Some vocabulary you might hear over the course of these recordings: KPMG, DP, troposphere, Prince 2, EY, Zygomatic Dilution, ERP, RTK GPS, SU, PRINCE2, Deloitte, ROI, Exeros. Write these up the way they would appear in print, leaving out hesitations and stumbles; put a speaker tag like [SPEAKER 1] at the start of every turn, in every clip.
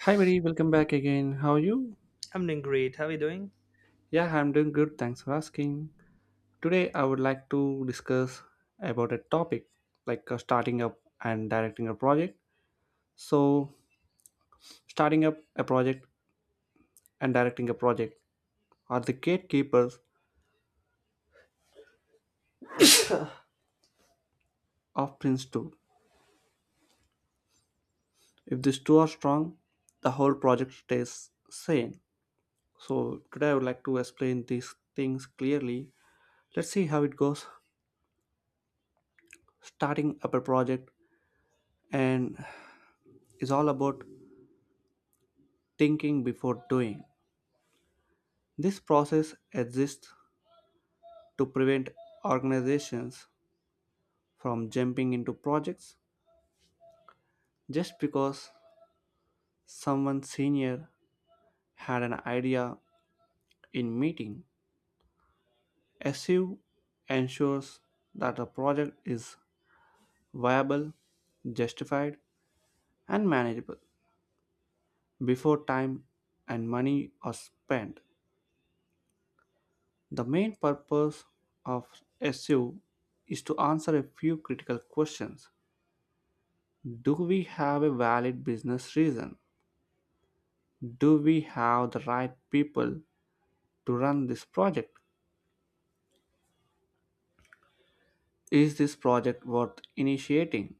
[SPEAKER 1] Hi, buddy. Welcome back again. How are you?
[SPEAKER 2] I'm doing great. How are you doing?
[SPEAKER 1] Yeah, I'm doing good. Thanks for asking. Today, I would like to discuss about a topic starting up and directing a project. So, starting up a project and directing a project are the gatekeepers of Prince 2. If these two are strong, the whole project stays sane. So, today, I would like to explain these things clearly. Let's see how it goes. Starting up a project and is all about thinking before doing. This process exists to prevent organizations from jumping into projects just because someone senior had an idea in meeting. SU ensures that a project is viable, justified, and manageable before time and money are spent. The main purpose of SU is to answer a few critical questions. Do we have a valid business reason? Do we have the right people to run this project? Is this project worth initiating?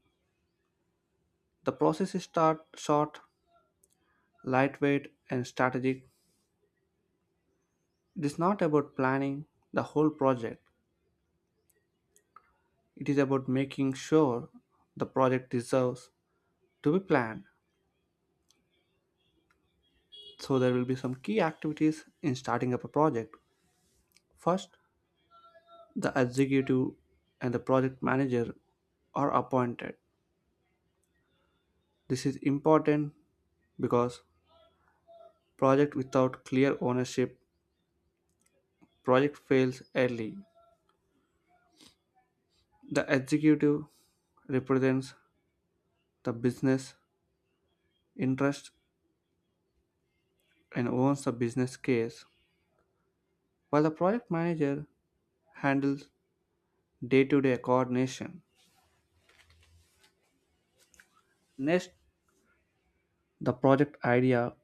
[SPEAKER 1] The process is start short, lightweight, and strategic. It is not about planning the whole project. It is about making sure the project deserves to be planned. So there will be some key activities in starting up a project. First, the executive and the project manager are appointed. This is important because project without clear ownership, project fails early. The executive represents the business interest and owns the business case, while the project manager handles day to day coordination. Next, the project idea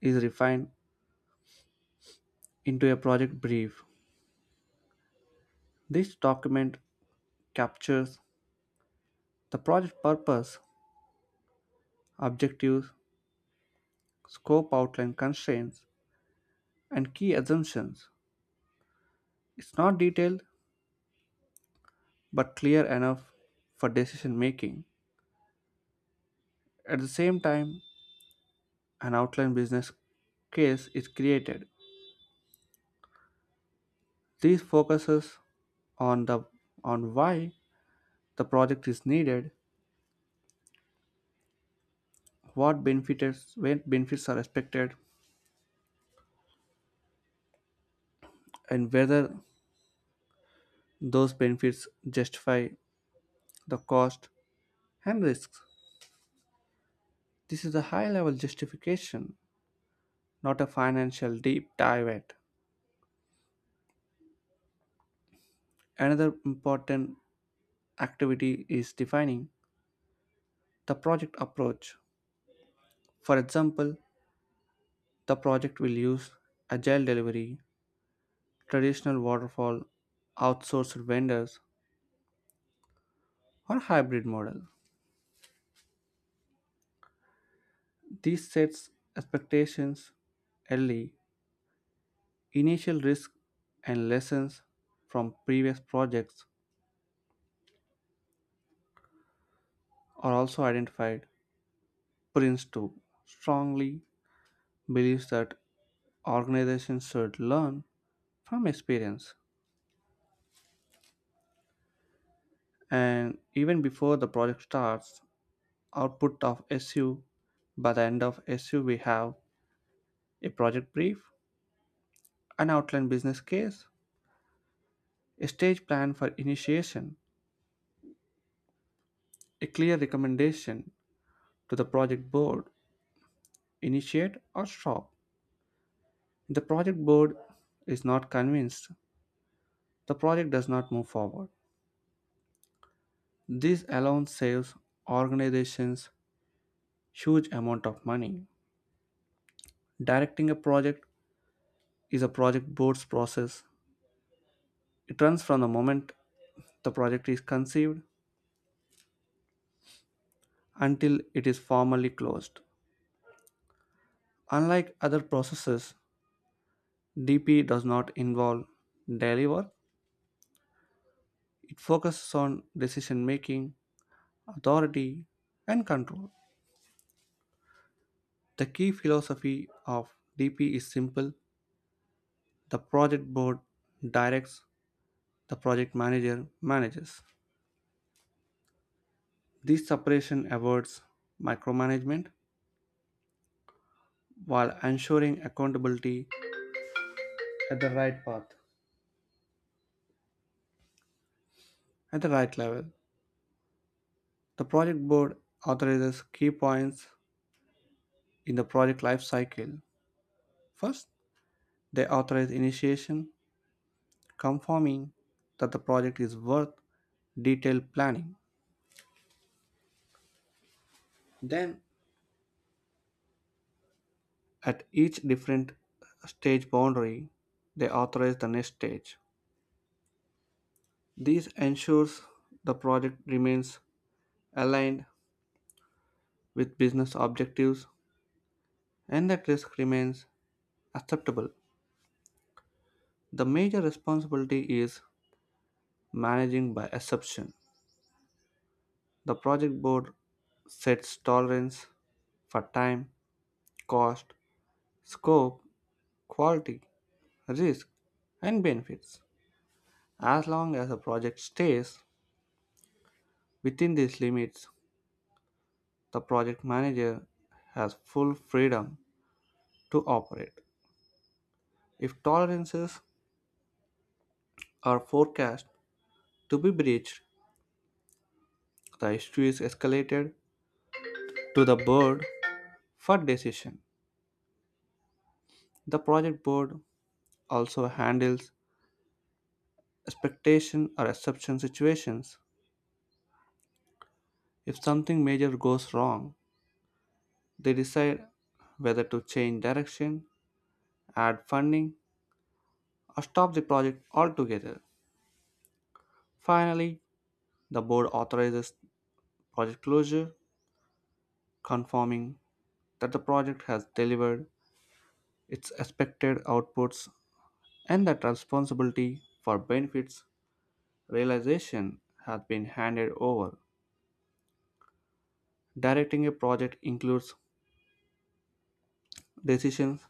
[SPEAKER 1] is refined into a project brief. This document captures the project purpose, objectives, scope outline constraints, and key assumptions. It's not detailed but clear enough for decision making. At the same time, an outline business case is created. This focuses on the on why the project is needed, what benefits when benefits are expected, and whether those benefits justify the cost and risks. This is a high-level justification, not a financial deep dive. At. Another important activity is defining the project approach. For example, the project will use agile delivery, traditional waterfall, outsourced vendors, or hybrid model. This sets expectations early. Initial risk and lessons from previous projects are also identified. Prince 2 strongly believes that organizations should learn from experience. And even before the project starts, output of SU by the end of SU we have a project brief, an outline business case, a stage plan for initiation, a clear recommendation to the project board, initiate or stop. If the project board is not convinced, the project does not move forward. This alone saves organizations huge amount of money. Directing a project is a project board's process. It runs from the moment the project is conceived until it is formally closed. Unlike other processes, DP does not involve daily work, it focuses on decision making, authority, and control. The key philosophy of DP is simple: the project board directs, the project manager manages. This separation avoids micromanagement while ensuring accountability at the right path, at the right level. The project board authorizes key points in the project life cycle. First, they authorize initiation, confirming that the project is worth detailed planning. Then, at each different stage boundary, they authorize the next stage. This ensures the project remains aligned with business objectives and that risk remains acceptable. The major responsibility is managing by exception. The project board sets tolerance for time, cost, scope, quality, risk, and benefits. As long as a project stays within these limits, the project manager has full freedom to operate. If tolerances are forecast to be breached, the issue is escalated to the board for decision. The project board also handles expectation or exception situations. If something major goes wrong, they decide whether to change direction, add funding, or stop the project altogether. Finally, the board authorizes project closure, confirming that the project has delivered its expected outputs and that responsibility for benefits realization has been handed over. Directing a project includes decisions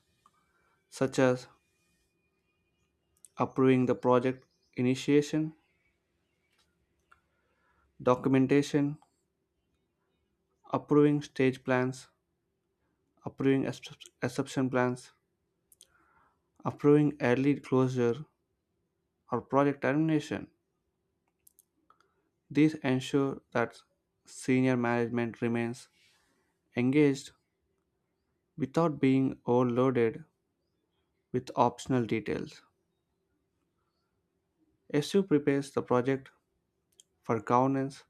[SPEAKER 1] such as approving the project initiation, documentation, approving stage plans, approving exception plans, approving early closure, or project termination. These ensure that senior management remains engaged without being overloaded with optional details. SU prepares the project for governance,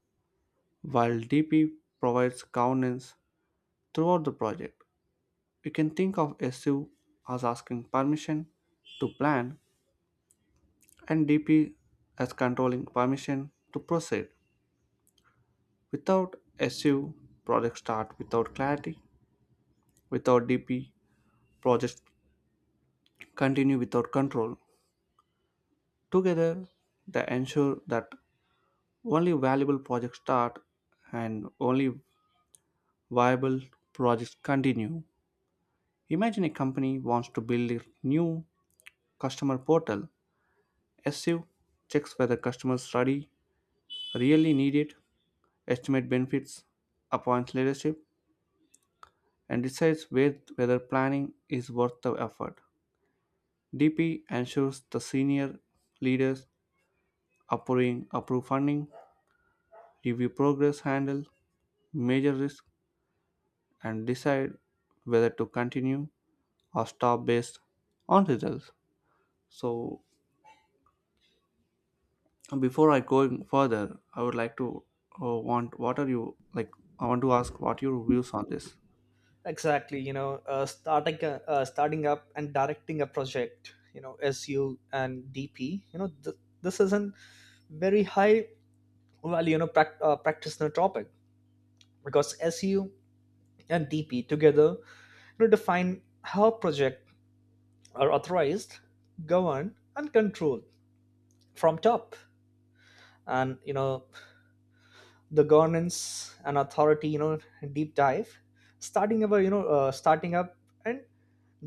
[SPEAKER 1] while DP provides governance throughout the project. We can think of SU as asking permission to plan and DP as controlling permission to proceed. Without SU, projects start without clarity. Without DP, projects continue without control. Together, they ensure that only valuable projects start and only viable projects continue. Imagine a company wants to build a new customer portal. SU checks whether customers really need it, estimate benefits, appoints leadership, and decides whether planning is worth the effort. DP ensures the senior leaders approving approve funding, review progress handle major risk and decide whether to continue or stop based on results. So before I going further, I would like to, want what are you like? I want to ask what your views on this.
[SPEAKER 2] Exactly. Starting up and directing a project. You know, SU and DP. This is a very high value. Practitioner topic because SU and DP together define how project are authorized, governed, and controlled from top. And you know, the governance and authority. Deep dive. Starting our you know Starting up and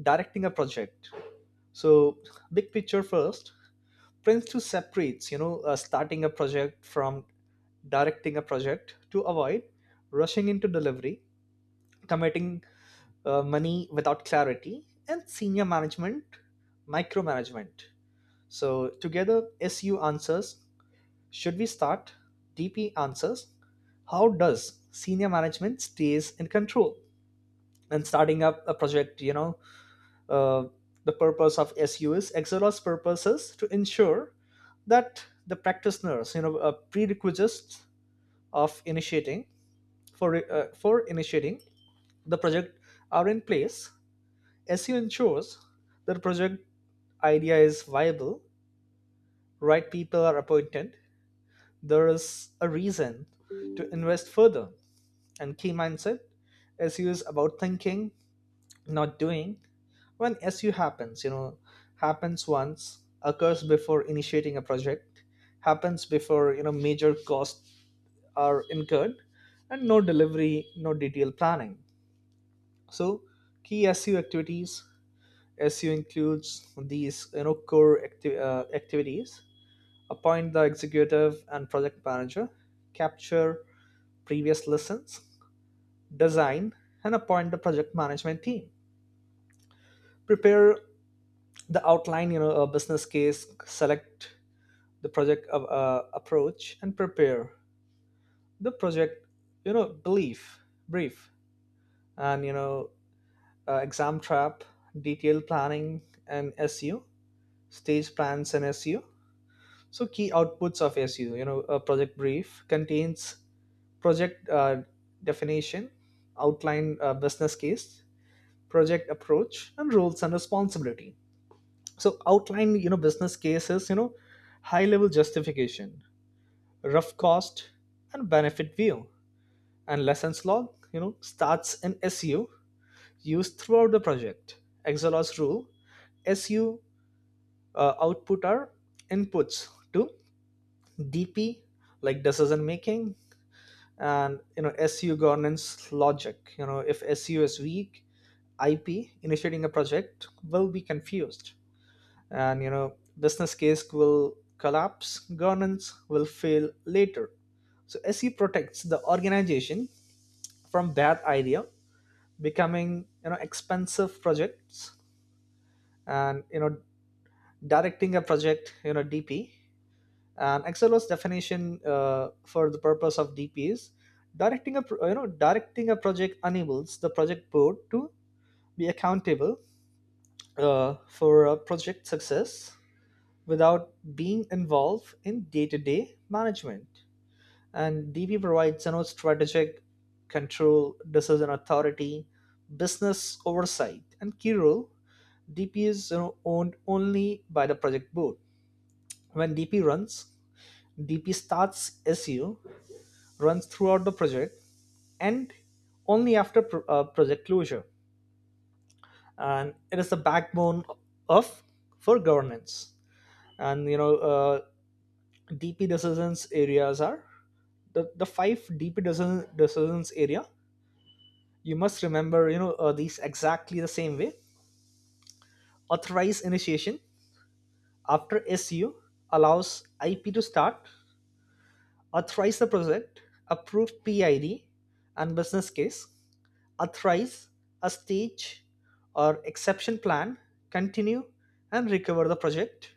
[SPEAKER 2] directing a project. So, big picture first. Prince 2 separates, starting a project from directing a project to avoid rushing into delivery, committing money without clarity, and senior management, micromanagement. So, together, SU answers, should we start? DP answers, how does senior management stays in control? And starting up a project, uh, the purpose of SU is Exero's purposes to ensure that the practitioners prerequisites of initiating for initiating the project are in place. SEO ensures that the project idea is viable, right people are appointed, there is a reason to invest further, and key mindset SEO is about thinking, not doing. When SU happens, happens once, occurs before initiating a project, happens before, major costs are incurred, and no delivery, no detailed planning. So, key SU activities. SU includes these, core activities: appoint the executive and project manager, capture previous lessons, design and appoint the project management team, prepare the outline a business case, select the project approach and prepare the project you know belief brief, and exam trap detailed planning and SU, stage plans and SU. So key outputs of SU, a project brief contains project definition, outline business case, project approach, and roles and responsibility. So outline business cases, high level justification, rough cost and benefit view. And lessons log, starts in SU, used throughout the project. Exelos rule: SU output are inputs to DP, like decision making. And SU governance logic, if SU is weak, IP, initiating a project, will be confused, and business case will collapse, governance will fail later. So SE protects the organization from bad idea becoming expensive projects. And directing a project, DP, and Xlo's definition for the purpose of DP is directing a project enables the project board to be accountable for a project success without being involved in day to day management. And DB provides, strategic control, decision authority, business oversight, and key role. DP is, owned only by the project board. When DP runs, DP starts SU, runs throughout the project, and only after project closure. And it is the backbone of for governance. And you know, uh, DP decisions areas are the five DP decisions area. You must remember, these exactly the same way. Authorize initiation after SU allows IP to start. Authorize the project, approve PID and business case. Authorize a stage or exception plan, continue and recover the project,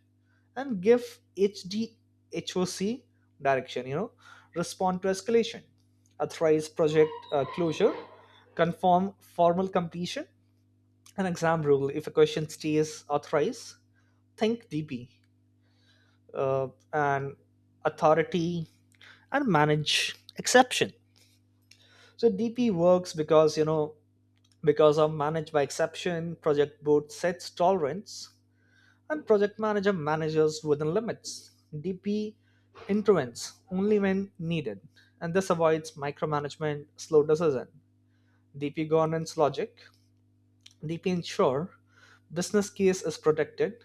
[SPEAKER 2] and give H D H O C direction. Respond to escalation, authorize project closure, confirm formal completion. An exam rule: if a question stays authorize, think DP uh, and authority and manage exception. So DP works because, because of manage by exception, project board sets tolerance and project manager manages within limits. DP intervenes only when needed, and this avoids micromanagement, slow decision. DP governance logic. DP ensure business case is protected,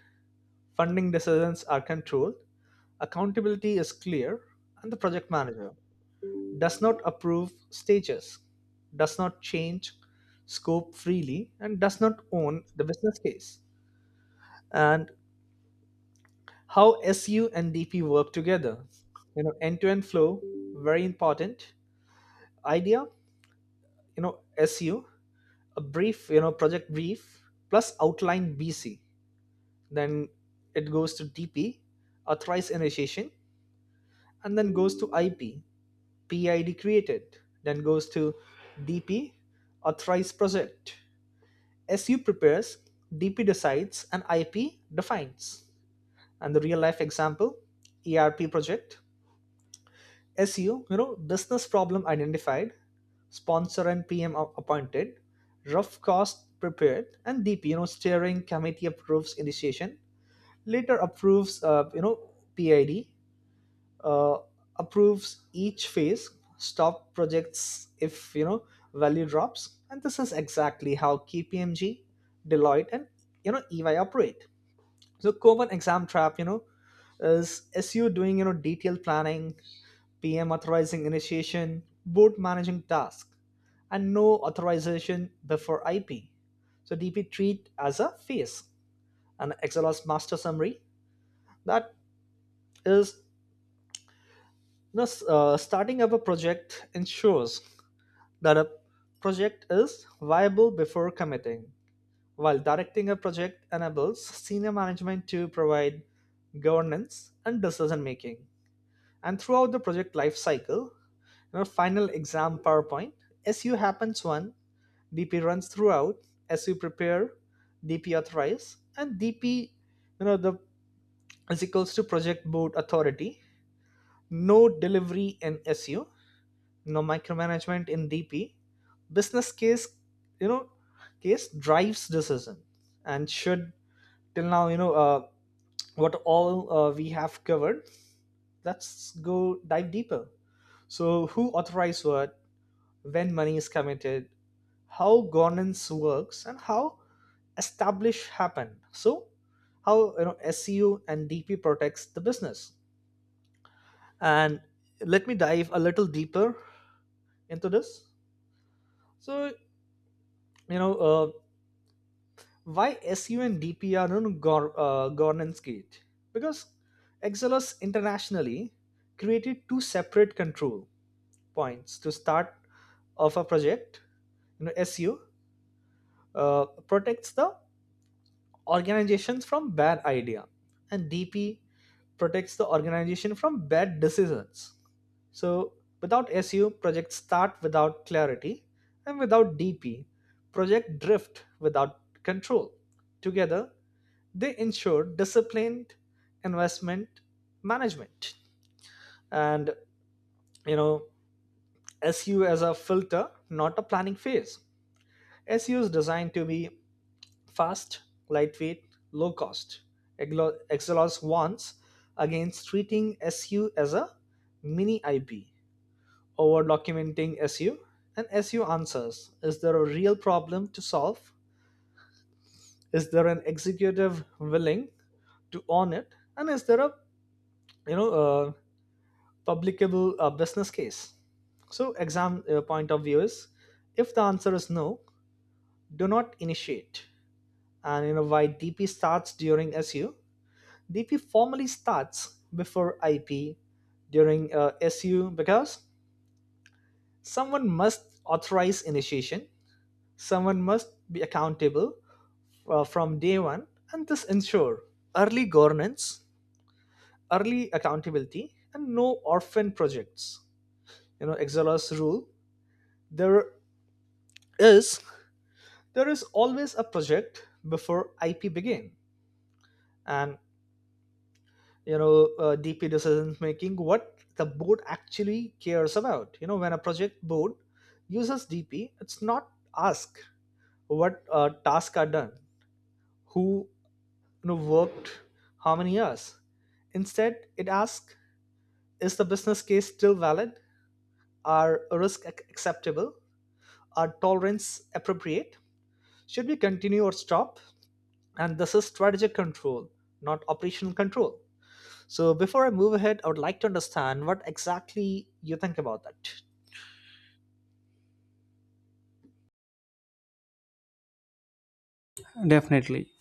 [SPEAKER 2] funding decisions are controlled, accountability is clear, and the project manager does not approve stages, does not change scope freely, and does not own the business case. And how SU and DP work together. End to end flow, very important. Idea, SU, a brief, project brief plus outline BC. Then it goes to DP, authorize initiation, and then goes to IP, PID created, then goes to DP, authorize project. SU prepares, DP decides, and IP defines. And the real life example, ERP project. SU, business problem identified, sponsor and PM appointed, rough cost prepared. And DP, steering committee approves initiation, later approves, PID, uh, approves each phase, stop projects if value drops. And this is exactly how KPMG, Deloitte, and EY operate. So common exam trap, is SU doing detailed planning, PM authorizing initiation, board managing task, and no authorization before IP. So DP treat as a phase, an XLS master summary that is. Thus, starting up a project ensures that a project is viable before committing, while directing a project enables senior management to provide governance and decision making. And throughout the project life cycle, your final exam PowerPoint, SU happens one, DP runs throughout, SU prepare, DP authorize. And DP, the is equals to project board authority, no delivery in SU, no micromanagement in DP, business case, you know case drives decision. And should till now, what all we have covered, let's go dive deeper. So who authorized what, when money is committed, how governance works, and how establish happen. So how SEO and DP protects the business. And let me dive a little deeper into this. So, you know uh, why SU and DP are on governance gate? Because Exelos internationally created two separate control points to start of a project. SU protects the organizations from bad idea, and DP protects the organization from bad decisions. So without SU, projects start without clarity, and without DP, project drift without control. Together, they ensure disciplined investment management. And you know SU as a filter, not a planning phase. SU is designed to be fast, lightweight, low cost. Exelos warns against treating SU as a mini IP, over documenting SU. And SU answers, is there a real problem to solve, is there an executive willing to own it, and is there a you know uh, publicable business case. So, exam point of view is, if the answer is no, do not initiate. And why DP starts during SU? DP formally starts before IP during SU because someone must authorize initiation, someone must be accountable from day one, and this ensure early governance, early accountability, and no orphan projects. Exella's rule: there is there is always a project before IP begin. And DP decision making, what the board actually cares about. When a project board uses DP, it's not ask what tasks are done, who worked how many hours. Instead it asks, is the business case still valid, are risks acceptable, are tolerance appropriate, should we continue or stop. And this is strategic control, not operational control. So before I move ahead, I would like to understand what exactly you think about that.
[SPEAKER 1] Definitely.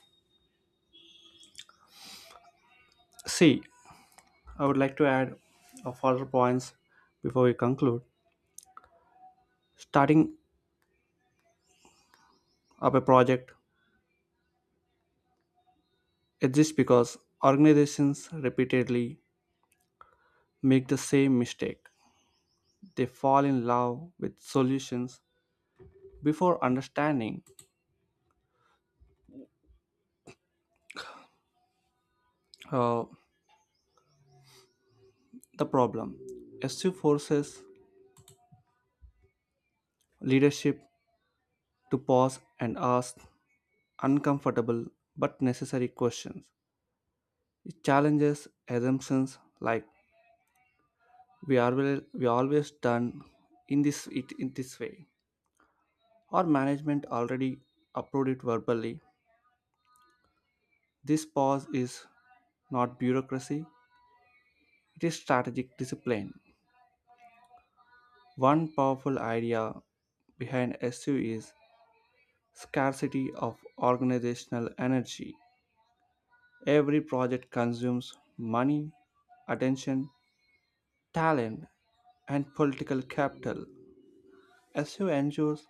[SPEAKER 1] See, I would like to add a further points before we conclude. Starting up a project exists because organizations repeatedly make the same mistake. They fall in love with solutions before understanding. Uh, the problem. SU forces leadership to pause and ask uncomfortable but necessary questions. It challenges assumptions like we always done in this way. Or management already approved it verbally. This pause is not bureaucracy, it is strategic discipline. One powerful idea behind SU is scarcity of organizational energy. Every project consumes money, attention, talent, and political capital. SU ensures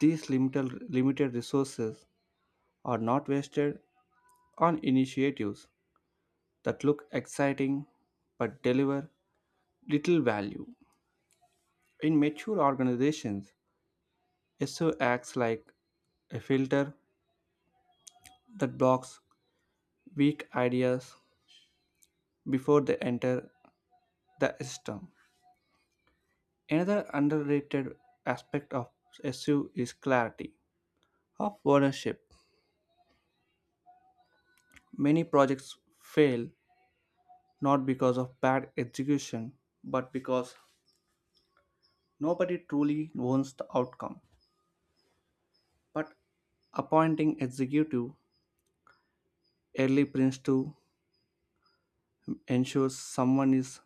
[SPEAKER 1] these limited resources are not wasted on initiatives that look exciting but deliver little value. In mature organizations, SU acts like a filter that blocks weak ideas before they enter the system. Another underrated aspect of SU is clarity of ownership. Many projects fail not because of bad execution, but because nobody truly owns the outcome. But appointing executive early prints to ensures someone is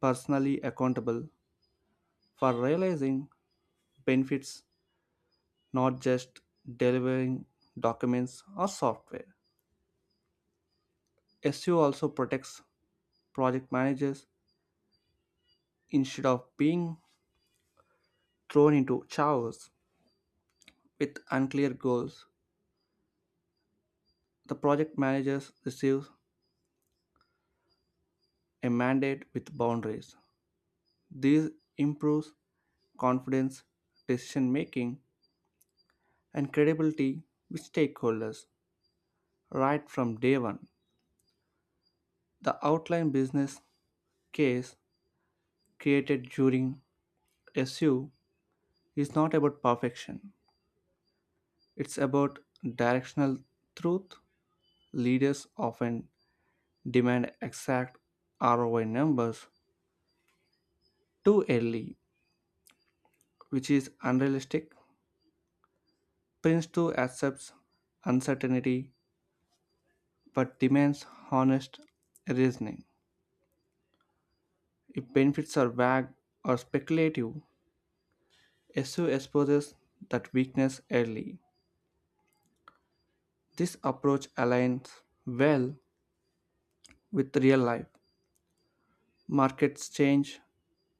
[SPEAKER 1] personally accountable for realizing benefits, not just delivering documents or software. SU also protects project managers. Instead of being thrown into chaos with unclear goals, the project managers receive a mandate with boundaries. This improves confidence, decision making, and credibility with stakeholders right from day one. The outline business case created during SU is not about perfection, it's about directional truth. Leaders often demand exact ROI numbers too early, which is unrealistic. Prince too accepts uncertainty but demands honest reasoning. If benefits are vague or speculative, SU exposes that weakness early. This approach aligns well with real life. Markets change,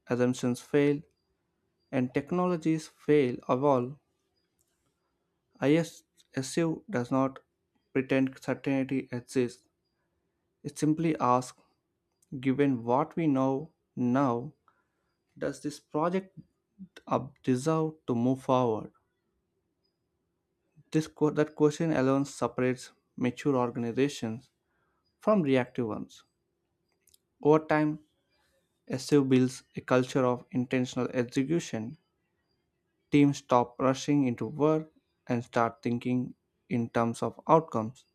[SPEAKER 1] assumptions fail, and technologies fail of all. IS SU does not pretend certainty exists. It simply asks: given what we know now, does this project up deserve to move forward? That question alone separates mature organizations from reactive ones. Over time, SU builds a culture of intentional execution. Teams stop rushing into work and start thinking in terms of outcomes.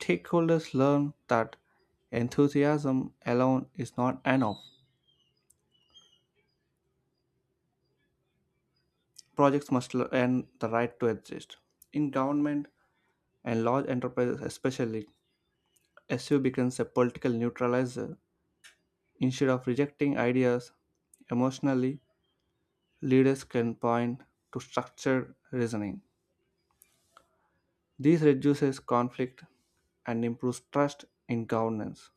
[SPEAKER 1] Stakeholders learn that enthusiasm alone is not enough. Projects must earn the right to exist. In government, and large enterprises especially, SU becomes a political neutralizer. Instead of rejecting ideas emotionally, leaders can point to structured reasoning. This reduces conflict and improves trust in governance.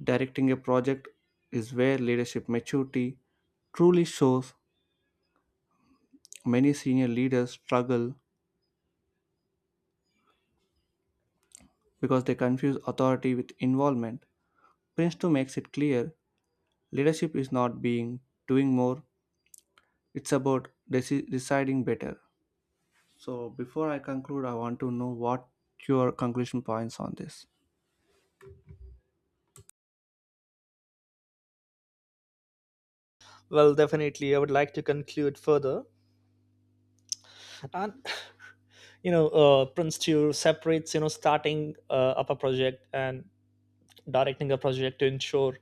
[SPEAKER 1] Directing a project is where leadership maturity truly shows. Many senior leaders struggle because they confuse authority with involvement. Prince 2 makes it clear: leadership is not being doing more. It's about deciding better. So before I conclude, I want to know what your conclusion points on this.
[SPEAKER 2] Well, definitely, I would like to conclude further. And Prince Tour separates starting up a project and directing a project to ensure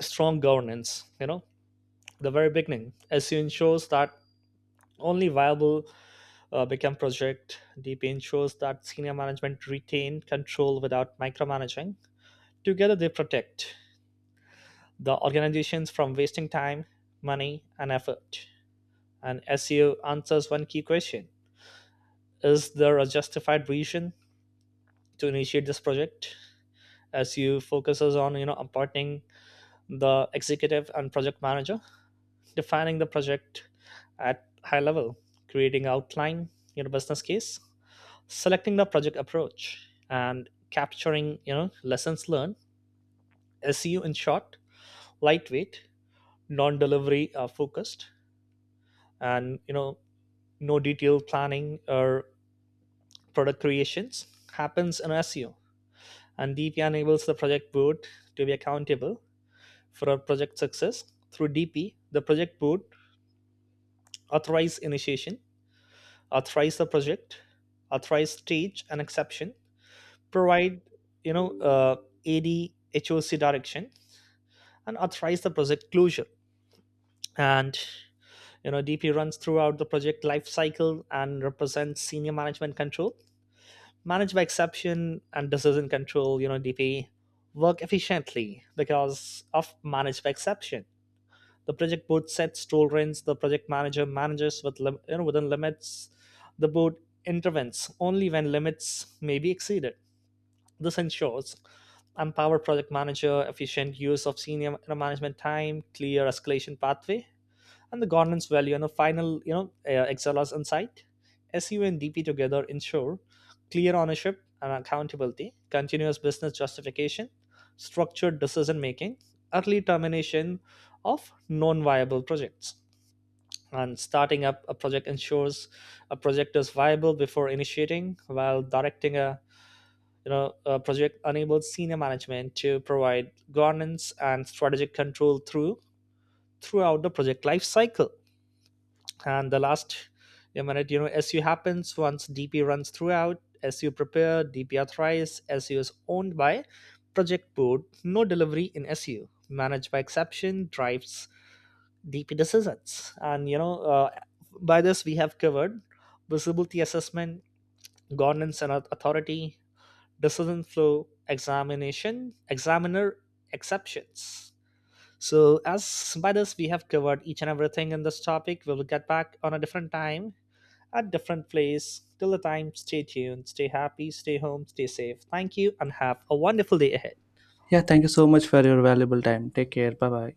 [SPEAKER 2] strong governance. The very beginning, as you ensures that only viable become project. DP ensures that senior management retain control without micromanaging. Together, they protect the organizations from wasting time, money, and effort. And SEO answers one key question: is there a justified reason to initiate this project? SEO focuses on appointing the executive and project manager, defining the project at high level, creating outline, business case, selecting the project approach, and capturing lessons learned. SEO in short, lightweight, non-delivery focused, and no detailed planning or product creations happens in SEO. And DP enables the project board to be accountable for our project success. Through DP, the project board authorizes initiation, authorize the project, authorize stage and exception, provide you know uh, AD direction, and authorize the project closure. And DP runs throughout the project life cycle and represents senior management control, manage by exception and decision control. DP work efficiently because of manage by exception. The project board sets tolerance. The project manager manages with within limits. The board intervenes only when limits may be exceeded. This ensures empowered project manager, efficient use of senior management time, clear escalation pathway, and the governance value. And the final excellence insight: SU and DP together ensure clear ownership and accountability, continuous business justification, structured decision making, early termination of non-viable projects. And starting up a project ensures a project is viable before initiating, while directing a a project enables senior management to provide governance and strategic control throughout the project life cycle. And the last a minute, SU happens once, DP runs throughout, SU prepare, DP authorized, SU is owned by project board, no delivery in SU, managed by exception drives DP decisions. And by this we have covered visibility assessment, governance and authority, decision flow, examination examiner, exceptions. So as by this we have covered each and everything in this topic. We will get back on a different time at different place. Till the time, stay tuned, stay happy, stay home, stay safe. Thank you, and have a wonderful day ahead.
[SPEAKER 1] Yeah, thank you so much for your valuable time. Take care. Bye bye.